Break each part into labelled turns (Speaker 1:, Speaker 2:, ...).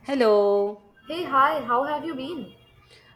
Speaker 1: Hello.
Speaker 2: Hey, hi, how have you been?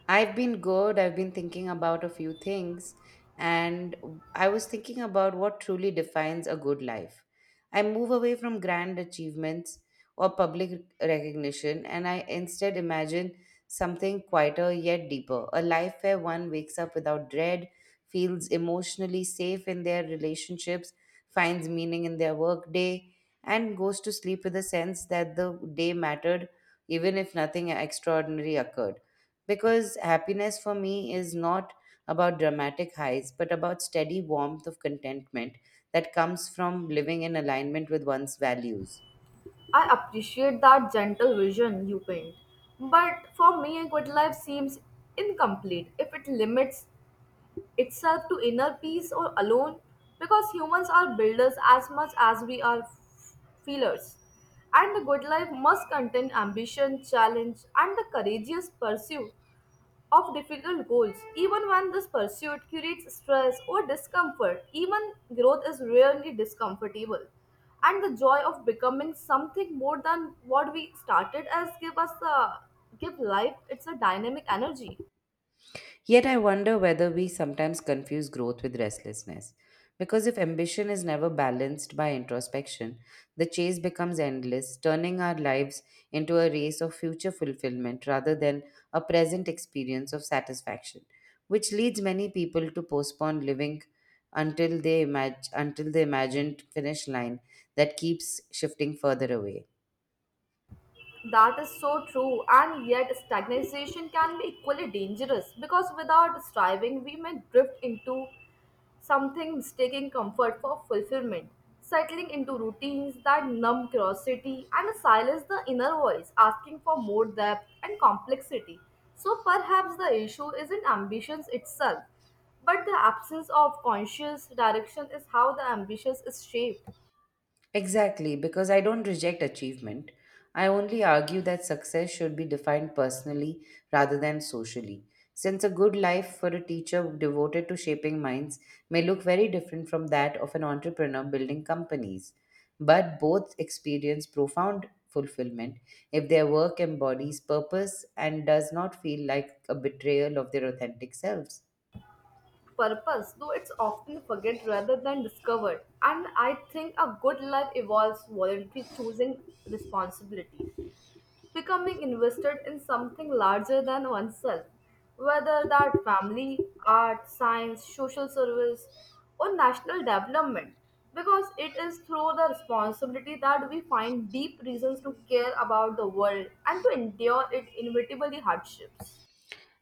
Speaker 1: I've been good. I've been thinking about a few things, and I was thinking about what truly defines a good life. I move away from grand achievements or public recognition, and I instead imagine something quieter yet deeper a life where one wakes up without dread, feels emotionally safe in their relationships, finds meaning in their workday, and goes to sleep with a sense that the day mattered even if nothing extraordinary occurred. Because happiness for me is not about dramatic highs, but about steady warmth of contentment that comes from living in alignment with one's values.
Speaker 2: I appreciate that gentle vision you paint, but for me, a good life seems incomplete if it limits itself to inner peace or alone, because humans are builders as much as we are feelers. And a good life must contain ambition, challenge, and the courageous pursuit of difficult goals, even when this pursuit creates stress or discomfort, even growth is rarely discomfortable. And the joy of becoming something more than what we started as give us the give life it's a dynamic energy.
Speaker 1: Yet I wonder whether we sometimes confuse growth with restlessness. Because if ambition is never balanced by introspection, the chase becomes endless, turning our lives into a race of future fulfillment rather than a present experience of satisfaction, which leads many people to postpone living until the imagined finish line that keeps shifting further away.
Speaker 2: That is so true, and yet stagnation can be equally dangerous because without striving, we may drift into something mistaking comfort for fulfillment, settling into routines that numb curiosity and silence the inner voice, asking for more depth and complexity. So perhaps the issue isn't ambition itself, but the absence of conscious direction is how the ambition is shaped.
Speaker 1: Exactly, because I don't reject achievement. I only argue that success should be defined personally rather than socially, since a good life for a teacher devoted to shaping minds may look very different from that of an entrepreneur building companies. But both experience profound fulfillment if their work embodies purpose and does not feel like a betrayal of their authentic selves.
Speaker 2: Purpose, though it's often forget rather than discovered, and I think a good life evolves voluntary choosing responsibilities, becoming invested in something larger than oneself, whether that family, art, science, social service, or national development, because it is through the responsibility that we find deep reasons to care about the world and to endure its inevitably hardships.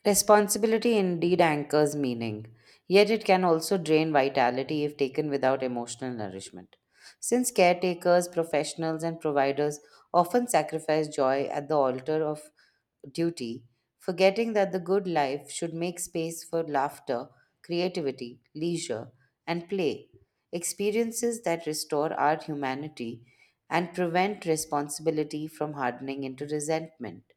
Speaker 1: Responsibility indeed anchors meaning, yet it can also drain vitality if taken without emotional nourishment. Since caretakers, professionals, and providers often sacrifice joy at the altar of duty, forgetting that the good life should make space for laughter, creativity, leisure, and play, experiences that restore our humanity and prevent responsibility from hardening into resentment.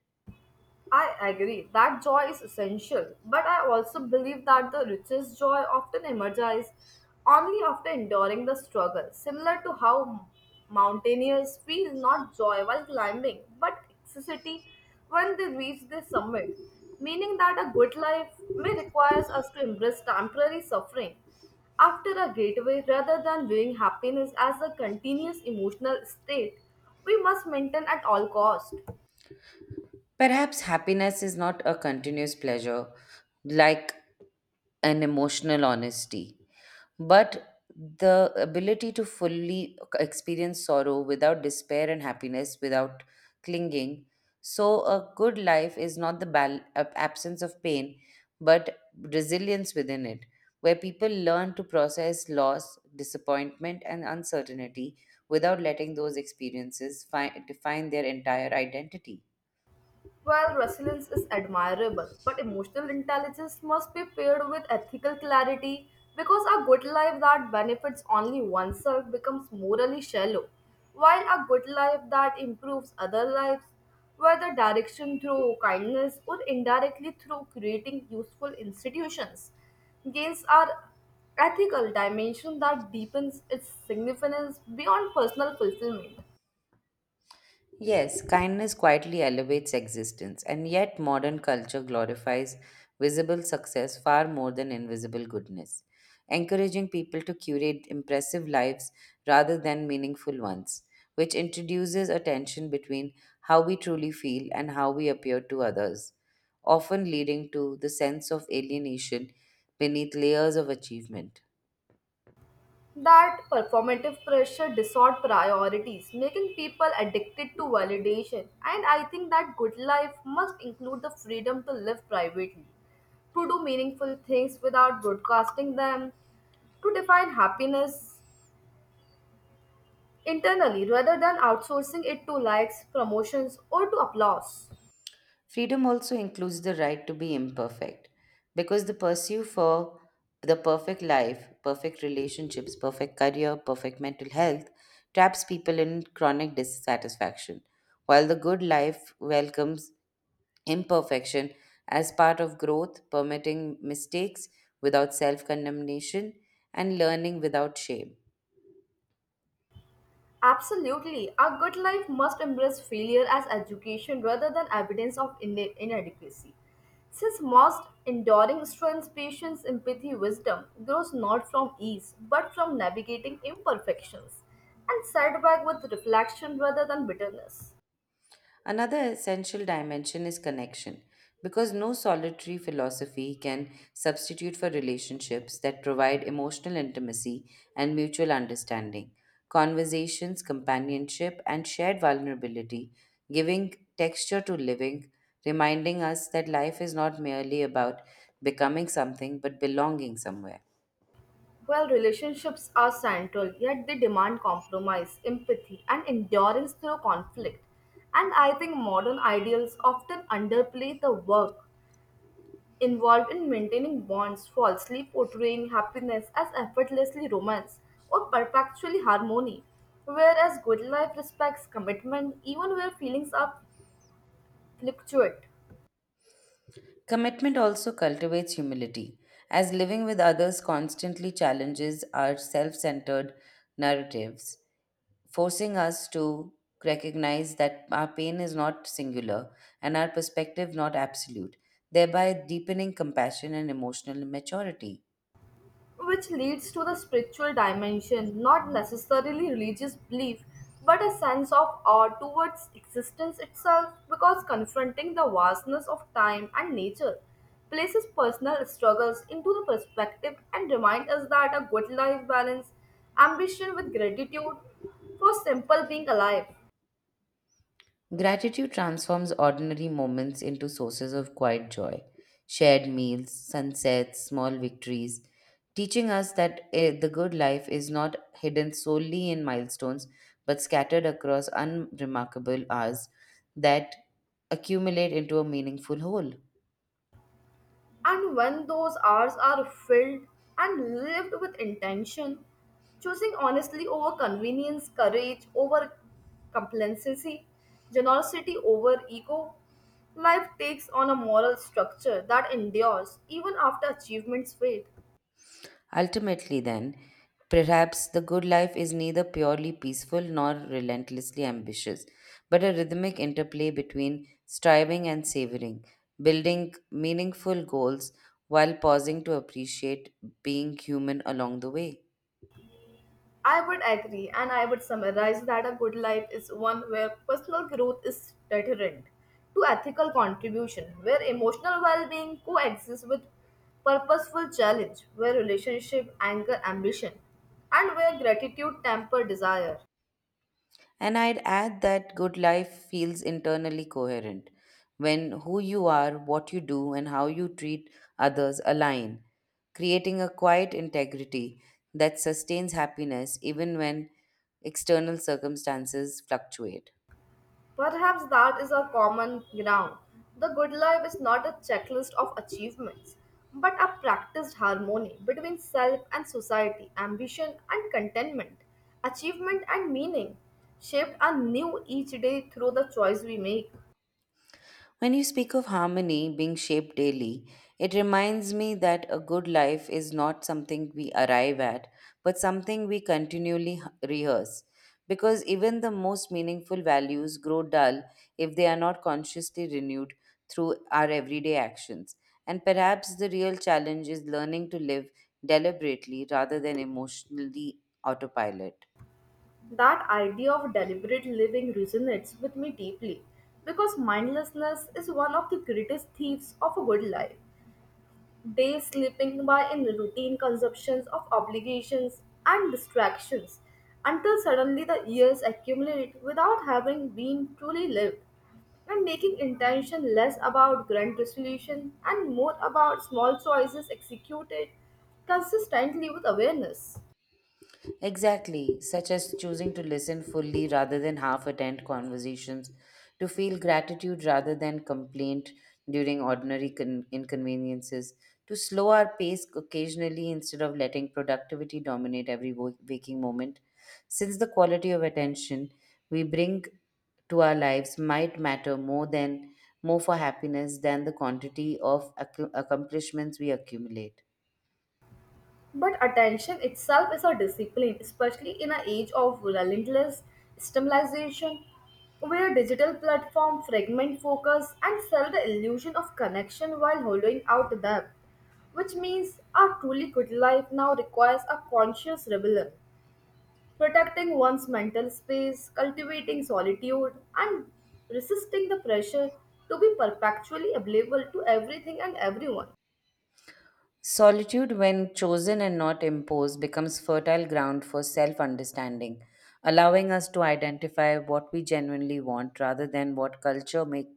Speaker 2: I agree that joy is essential, but I also believe that the richest joy often emerges only after enduring the struggle, similar to how mountaineers feel not joy while climbing but ecstasy when they reach the summit, meaning that a good life may require us to embrace temporary suffering after a gateway rather than viewing happiness as a continuous emotional state we must maintain at all cost.
Speaker 1: Perhaps happiness is not a continuous pleasure like an emotional honesty, but the ability to fully experience sorrow without despair and happiness without clinging. So, a good life is not the absence of pain, but resilience within it, where people learn to process loss, disappointment, and uncertainty without letting those experiences define their entire identity.
Speaker 2: While resilience is admirable, but emotional intelligence must be paired with ethical clarity because a good life that benefits only oneself becomes morally shallow, while a good life that improves other lives, whether direction through kindness or indirectly through creating useful institutions, gains are ethical dimension that deepens its significance beyond personal fulfillment.
Speaker 1: Yes, kindness quietly elevates existence, and yet modern culture glorifies visible success far more than invisible goodness, encouraging people to curate impressive lives rather than meaningful ones, which introduces a tension between how we truly feel and how we appear to others, often leading to the sense of alienation beneath layers of achievement.
Speaker 2: That performative pressure distort priorities, making people addicted to validation. And I think that good life must include the freedom to live privately, to do meaningful things without broadcasting them, to define happiness internally rather than outsourcing it to likes, promotions, or to applause.
Speaker 1: Freedom also includes the right to be imperfect because the pursuit for the perfect life, perfect relationships, perfect career, perfect mental health traps people in chronic dissatisfaction, while the good life welcomes imperfection as part of growth, permitting mistakes without self condemnation and learning without shame.
Speaker 2: Absolutely. A good life must embrace failure as education rather than evidence of inadequacy. Since most enduring strength, patience, empathy, wisdom grows not from ease but from navigating imperfections and setback with reflection rather than bitterness.
Speaker 1: Another essential dimension is connection, because no solitary philosophy can substitute for relationships that provide emotional intimacy and mutual understanding, conversations, companionship, and shared vulnerability, giving texture to living, reminding us that life is not merely about becoming something but belonging somewhere.
Speaker 2: While relationships are central, yet they demand compromise, empathy, and endurance through conflict. And I think modern ideals often underplay the work involved in maintaining bonds, falsely portraying happiness as effortlessly romance or perpetually harmony, whereas good life respects commitment even where feelings are fluctuate.
Speaker 1: Commitment also cultivates humility, as living with others constantly challenges our self centered narratives, forcing us to recognize that our pain is not singular and our perspective not absolute, thereby deepening compassion and emotional maturity.
Speaker 2: Which leads to the spiritual dimension, not necessarily religious belief, but a sense of awe towards existence itself because confronting the vastness of time and nature places personal struggles into the perspective and reminds us that a good life balance ambition with gratitude for simple being alive.
Speaker 1: Gratitude transforms ordinary moments into sources of quiet joy, shared meals, sunsets, small victories, teaching us that the good life is not hidden solely in milestones but scattered across unremarkable hours that accumulate into a meaningful whole.
Speaker 2: And when those hours are filled and lived with intention, choosing honestly over convenience, courage over complacency, generosity over ego, life takes on a moral structure that endures even after achievements fade.
Speaker 1: Ultimately, then, perhaps the good life is neither purely peaceful nor relentlessly ambitious, but a rhythmic interplay between striving and savoring, building meaningful goals while pausing to appreciate being human along the way.
Speaker 2: I would agree, and I would summarize that a good life is one where personal growth is deterrent to ethical contribution, where emotional well being coexists with purposeful challenge, where relationship anger ambition, and where gratitude temper desire.
Speaker 1: And I'd add that good life feels internally coherent when who you are, what you do, and how you treat others align, creating a quiet integrity that sustains happiness even when external circumstances fluctuate.
Speaker 2: Perhaps that is our common ground. The good life is not a checklist of achievements, but a practiced harmony between self and society, ambition and contentment, achievement and meaning, shaped anew each day through the choice we make.
Speaker 1: When you speak of harmony being shaped daily, it reminds me that a good life is not something we arrive at, but something we continually rehearse. Because even the most meaningful values grow dull if they are not consciously renewed through our everyday actions. And perhaps the real challenge is learning to live deliberately rather than emotionally autopilot.
Speaker 2: That idea of deliberate living resonates with me deeply because mindlessness is one of the greatest thieves of a good life. Days slipping by in routine consumptions of obligations and distractions until suddenly the years accumulate without having been truly lived and making intention less about grand resolution and more about small choices executed consistently with awareness.
Speaker 1: Exactly, such as choosing to listen fully rather than half attend conversations, to feel gratitude rather than complaint during inconveniences, to slow our pace occasionally instead of letting productivity dominate every waking moment. Since the quality of attention we bring to our lives might matter more than more for happiness than the quantity of accomplishments we accumulate.
Speaker 2: But attention itself is a discipline, especially in an age of relentless stimulation, where digital platforms fragment focus and sell the illusion of connection while holding out depth, which means a truly good life now requires a conscious rebellion, protecting one's mental space, cultivating solitude, and resisting the pressure to be perpetually available to everything and everyone.
Speaker 1: Solitude, when chosen and not imposed, becomes fertile ground for self understanding, allowing us to identify what we genuinely want rather than what culture make,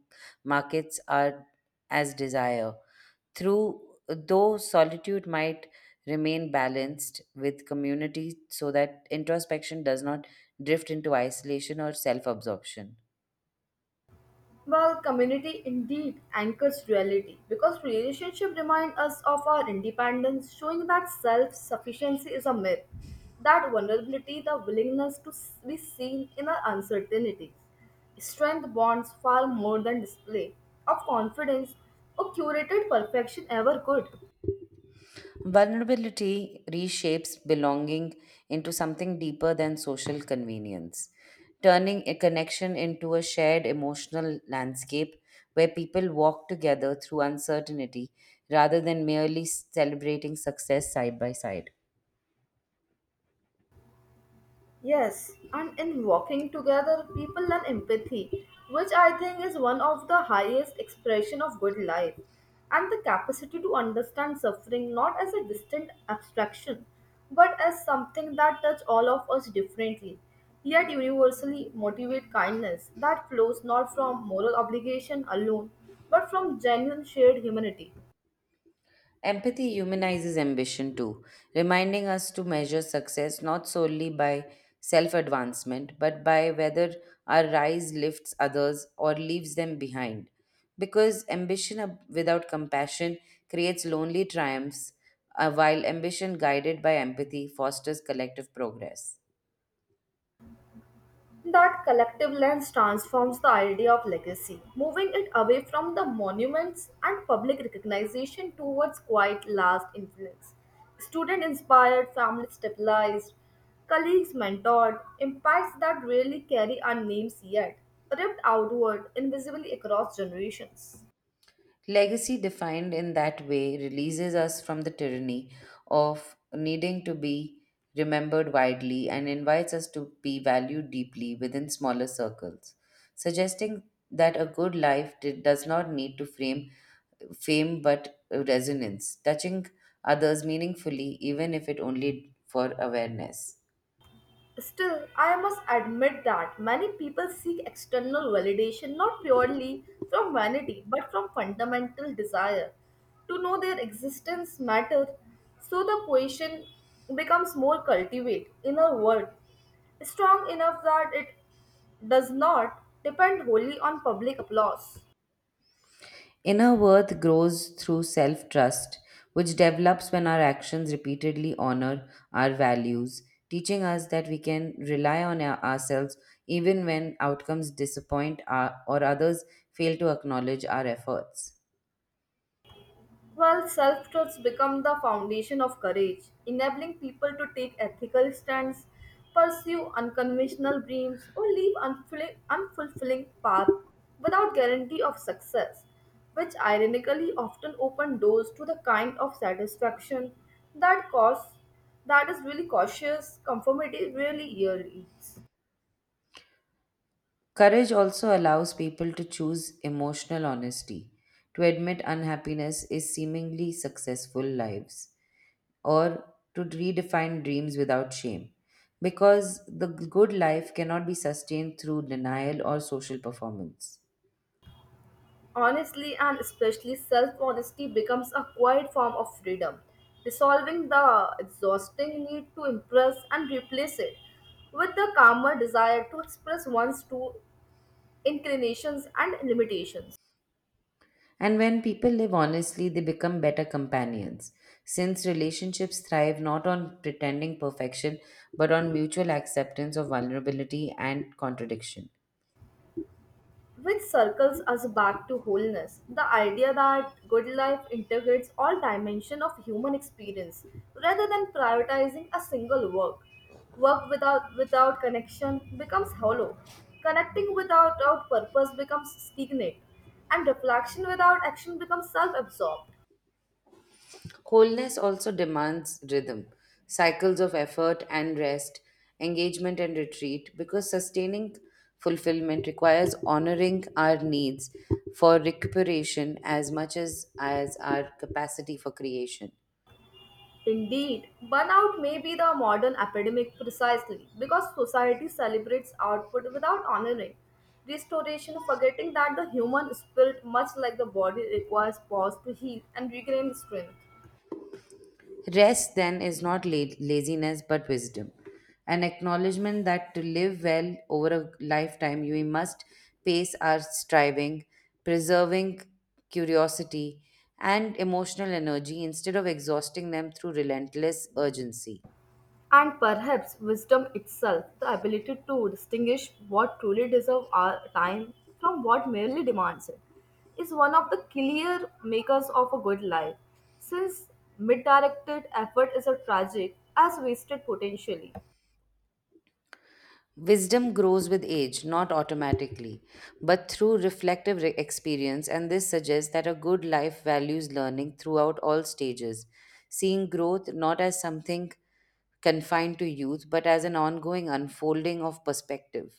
Speaker 1: markets are as desire. Through though solitude might remain balanced with community so that introspection does not drift into isolation or self absorption.
Speaker 2: Well, community indeed anchors reality because relationship remind us of our independence, showing that self-sufficiency is a myth, that vulnerability, the willingness to be seen in our uncertainty. Strength bonds far more than display of confidence or curated perfection ever could.
Speaker 1: Vulnerability reshapes belonging into something deeper than social convenience, turning a connection into a shared emotional landscape where people walk together through uncertainty rather than merely celebrating success side by side.
Speaker 2: Yes, and in walking together, people learn empathy, which I think is one of the highest expression of good life, and the capacity to understand suffering not as a distant abstraction, but as something that touches all of us differently, yet universally motivate kindness that flows not from moral obligation alone, but from genuine shared humanity.
Speaker 1: Empathy humanizes ambition too, reminding us to measure success not solely by self advancement, but by whether our rise lifts others or leaves them behind. Because without compassion creates lonely triumphs, while ambition guided by empathy fosters collective progress.
Speaker 2: That collective lens transforms the idea of legacy, moving it away from the monuments and public recognition towards quiet last influence. Student inspired, family stabilized, colleagues mentored, impacts that rarely carry our names yet, ripped outward invisibly across generations.
Speaker 1: Legacy defined in that way releases us from the tyranny of needing to be remembered widely and invites us to be valued deeply within smaller circles, suggesting that a good life does not need to frame fame but resonance, touching others meaningfully, even if it only for awareness.
Speaker 2: Still, I must admit that many people seek external validation not purely from vanity but from fundamental desire to know their existence matters. So the question becomes more cultivate, inner worth, strong enough that it does not depend wholly on public applause.
Speaker 1: Inner worth grows through self trust, which develops when our actions repeatedly honor our values, teaching us that we can rely on ourselves even when outcomes disappoint our, or others fail to acknowledge our efforts.
Speaker 2: Well, self truths become the foundation of courage, enabling people to take ethical stands, pursue unconventional dreams, or leave unfulfilling paths without guarantee of success, which ironically often open doors to the kind of satisfaction that cause that is really cautious conformity really yields.
Speaker 1: Courage also allows people to choose emotional honesty, to admit unhappiness is seemingly successful lives, or to redefine dreams without shame. Because the good life cannot be sustained through denial or social performance.
Speaker 2: Honestly and especially self honesty becomes a quiet form of freedom, dissolving the exhausting need to impress and replace it with the calmer desire to express one's true inclinations and limitations.
Speaker 1: And when people live honestly, they become better companions, since relationships thrive not on pretending perfection, but on mutual acceptance of vulnerability and contradiction.
Speaker 2: Which circles us back to wholeness the idea that good life integrates all dimensions of human experience rather than prioritizing a single work work without connection becomes hollow connecting without purpose becomes stagnant and reflection without action becomes self-absorbed.
Speaker 1: Wholeness also demands rhythm, cycles of effort and rest, engagement and retreat, because sustaining fulfillment requires honoring our needs for recuperation as much as our capacity for creation.
Speaker 2: Indeed, burnout may be the modern epidemic precisely because society celebrates output without honoring restoration, forgetting that the human spirit, much like the body, requires pause to heal and regain strength.
Speaker 1: Rest then is not laziness but wisdom. An acknowledgement that to live well over a lifetime, we must pace our striving, preserving curiosity and emotional energy instead of exhausting them through relentless urgency.
Speaker 2: And perhaps wisdom itself, the ability to distinguish what truly deserves our time from what merely demands it, is one of the clear makers of a good life, since misdirected effort is a tragic as wasted potentially.
Speaker 1: Wisdom grows with age, not automatically, but through reflective experience, and this suggests that a good life values learning throughout all stages, seeing growth not as something confined to youth, but as an ongoing unfolding of perspective.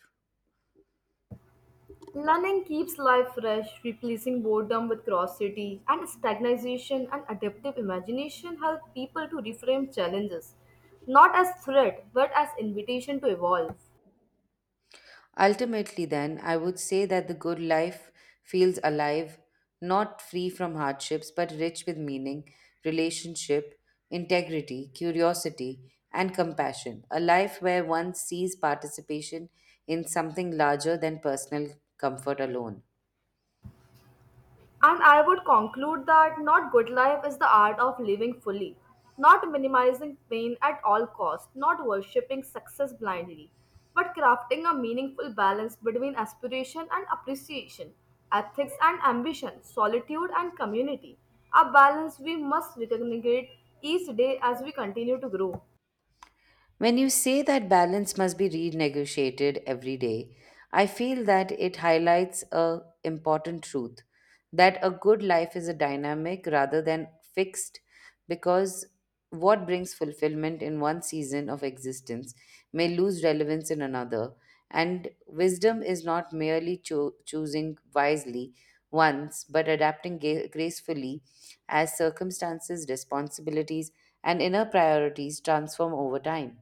Speaker 2: Learning keeps life fresh, replacing boredom with curiosity, and stagnation and adaptive imagination help people to reframe challenges, not as threat, but as invitation to evolve.
Speaker 1: Ultimately, then, I would say that the good life feels alive, not free from hardships, but rich with meaning, relationship, integrity, curiosity, and compassion. A life where one sees participation in something larger than personal comfort alone.
Speaker 2: And I would conclude that not good life is the art of living fully, not minimizing pain at all costs, not worshipping success blindly, but crafting a meaningful balance between aspiration and appreciation, ethics and ambition, solitude and community. A balance we must recognize each day as we continue to grow.
Speaker 1: When you say that balance must be renegotiated every day, I feel that it highlights a important truth that a good life is a dynamic rather than fixed, because what brings fulfillment in one season of existence may lose relevance in another, and wisdom is not merely choosing wisely once but adapting gracefully as circumstances, responsibilities, and inner priorities transform over time.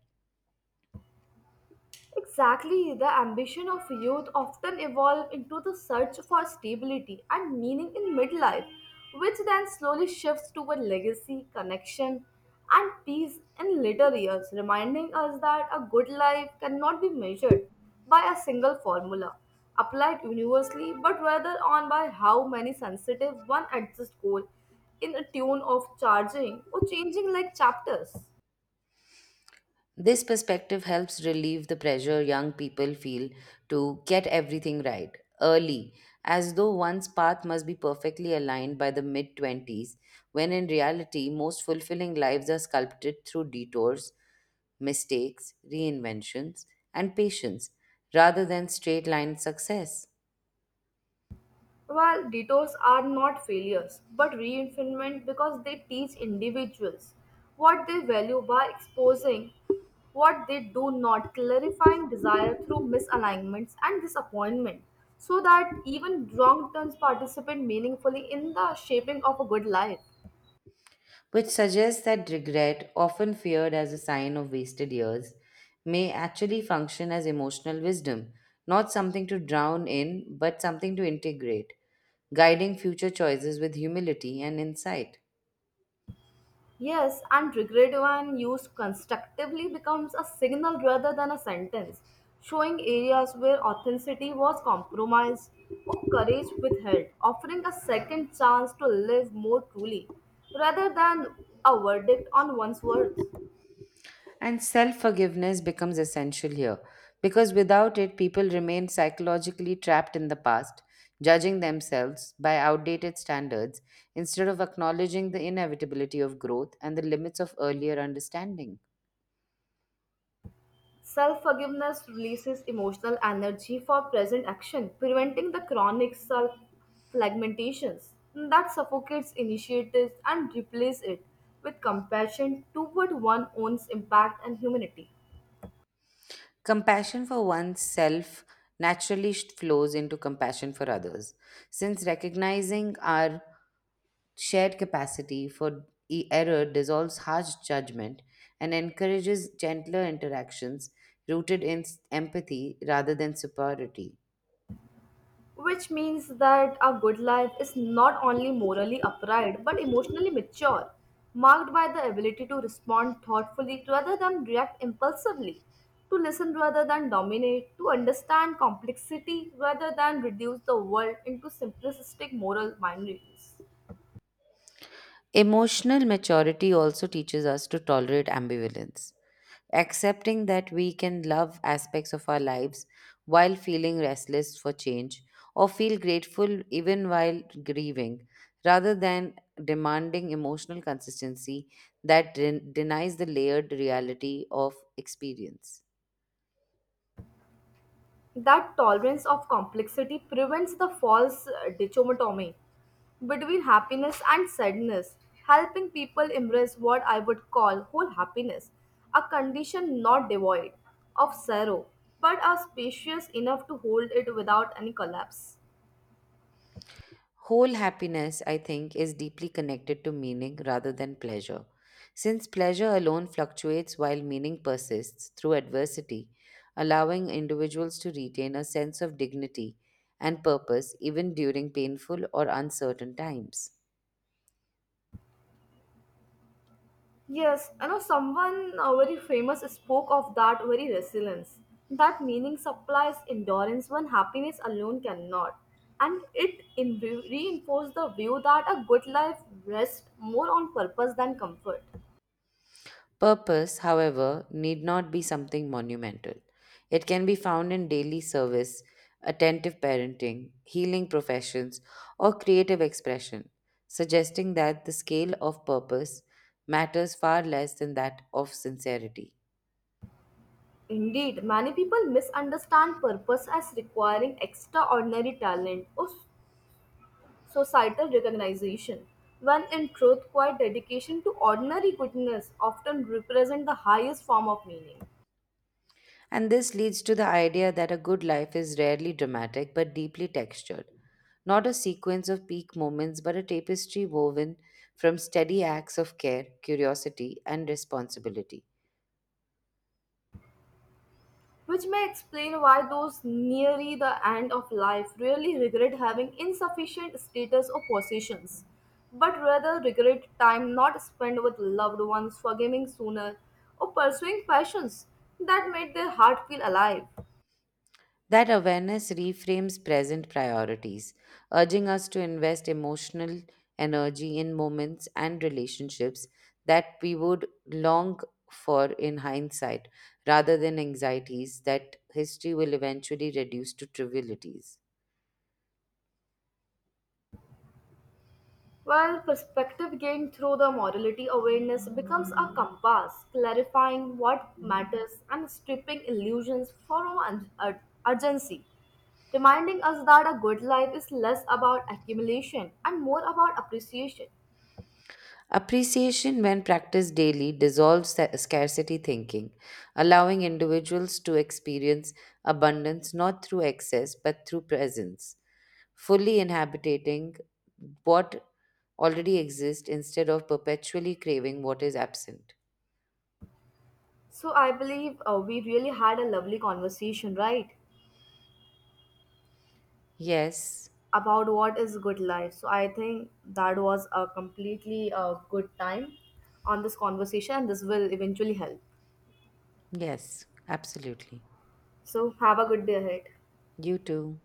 Speaker 2: Exactly, the ambition of youth often evolve into the search for stability and meaning in midlife, which then slowly shifts toward legacy, connection, and peace in later years, reminding us that a good life cannot be measured by a single formula applied universally, but rather on by how many sensitive one adjusts goal in a tune of charging or changing like chapters.
Speaker 1: This perspective helps relieve the pressure young people feel to get everything right early, as though one's path must be perfectly aligned by the mid 20s, when in reality, most fulfilling lives are sculpted through detours, mistakes, reinventions, and patience rather than straight line success.
Speaker 2: Well, detours are not failures, but reinforcement because they teach individuals what they value by exposing what they do not, clarifying desire through misalignments and disappointment, so that even wrong turns participate meaningfully in the shaping of a good life.
Speaker 1: Which suggests that regret, often feared as a sign of wasted years, may actually function as emotional wisdom, not something to drown in, but something to integrate, guiding future choices with humility and insight.
Speaker 2: Yes, and regret when used constructively becomes a signal rather than a sentence, showing areas where authenticity was compromised or courage withheld, offering a second chance to live more truly rather than a verdict on one's words.
Speaker 1: And self forgiveness becomes essential here, because without it, people remain psychologically trapped in the past, judging themselves by outdated standards instead of acknowledging the inevitability of growth and the limits of earlier understanding.
Speaker 2: Self forgiveness releases emotional energy for present action, preventing the chronic self fragmentations that suffocates initiatives and replaces it with compassion toward one's own impact and humanity.
Speaker 1: Compassion for oneself naturally flows into compassion for others, since recognizing our shared capacity for error dissolves harsh judgment and encourages gentler interactions rooted in empathy rather than superiority.
Speaker 2: Which means that a good life is not only morally upright but emotionally mature, marked by the ability to respond thoughtfully rather than react impulsively, to listen rather than dominate, to understand complexity rather than reduce the world into simplistic moral binaries.
Speaker 1: Emotional maturity also teaches us to tolerate ambivalence, accepting that we can love aspects of our lives while feeling restless for change or feel grateful even while grieving, rather than demanding emotional consistency that denies the layered reality of experience.
Speaker 2: That tolerance of complexity prevents the false dichotomy between happiness and sadness, helping people embrace what I would call whole happiness, a condition not devoid of sorrow, but are spacious enough to hold it without any collapse.
Speaker 1: Whole happiness, I think, is deeply connected to meaning rather than pleasure. Since pleasure alone fluctuates while meaning persists through adversity, allowing individuals to retain a sense of dignity and purpose even during painful or uncertain times.
Speaker 2: Yes, I know someone very famous spoke of that very resilience. That meaning supplies endurance when happiness alone cannot. And it reinforced the view that a good life rests more on purpose than comfort.
Speaker 1: Purpose, however, need not be something monumental. It can be found in daily service, attentive parenting, healing professions, or creative expression, suggesting that the scale of purpose matters far less than that of sincerity.
Speaker 2: Indeed, many people misunderstand purpose as requiring extraordinary talent or societal recognition, when in truth, quiet dedication to ordinary goodness often represents the highest form of meaning.
Speaker 1: And this leads to the idea that a good life is rarely dramatic but deeply textured, not a sequence of peak moments but a tapestry woven from steady acts of care, curiosity, and responsibility.
Speaker 2: Which may explain why those nearly the end of life really regret having insufficient status or possessions, but rather regret time not spent with loved ones, forgiving sooner, or pursuing passions that made their heart feel alive.
Speaker 1: That awareness reframes present priorities, urging us to invest emotional energy in moments and relationships that we would long for in hindsight, rather than anxieties that history will eventually reduce to trivialities.
Speaker 2: Well, perspective gained through the morality awareness becomes a compass, clarifying what matters and stripping illusions from urgency, reminding us that a good life is less about accumulation and more about appreciation.
Speaker 1: Appreciation, when practiced daily, dissolves scarcity thinking, allowing individuals to experience abundance not through excess but through presence, fully inhabiting what already exists instead of perpetually craving what is absent.
Speaker 2: So, I believe we really had a lovely conversation, right?
Speaker 1: Yes,
Speaker 2: About what is good life. So, I think that was a completely good time on this conversation, and this will eventually help.
Speaker 1: yes, absolutely.
Speaker 2: So, have a good day ahead.
Speaker 1: You too.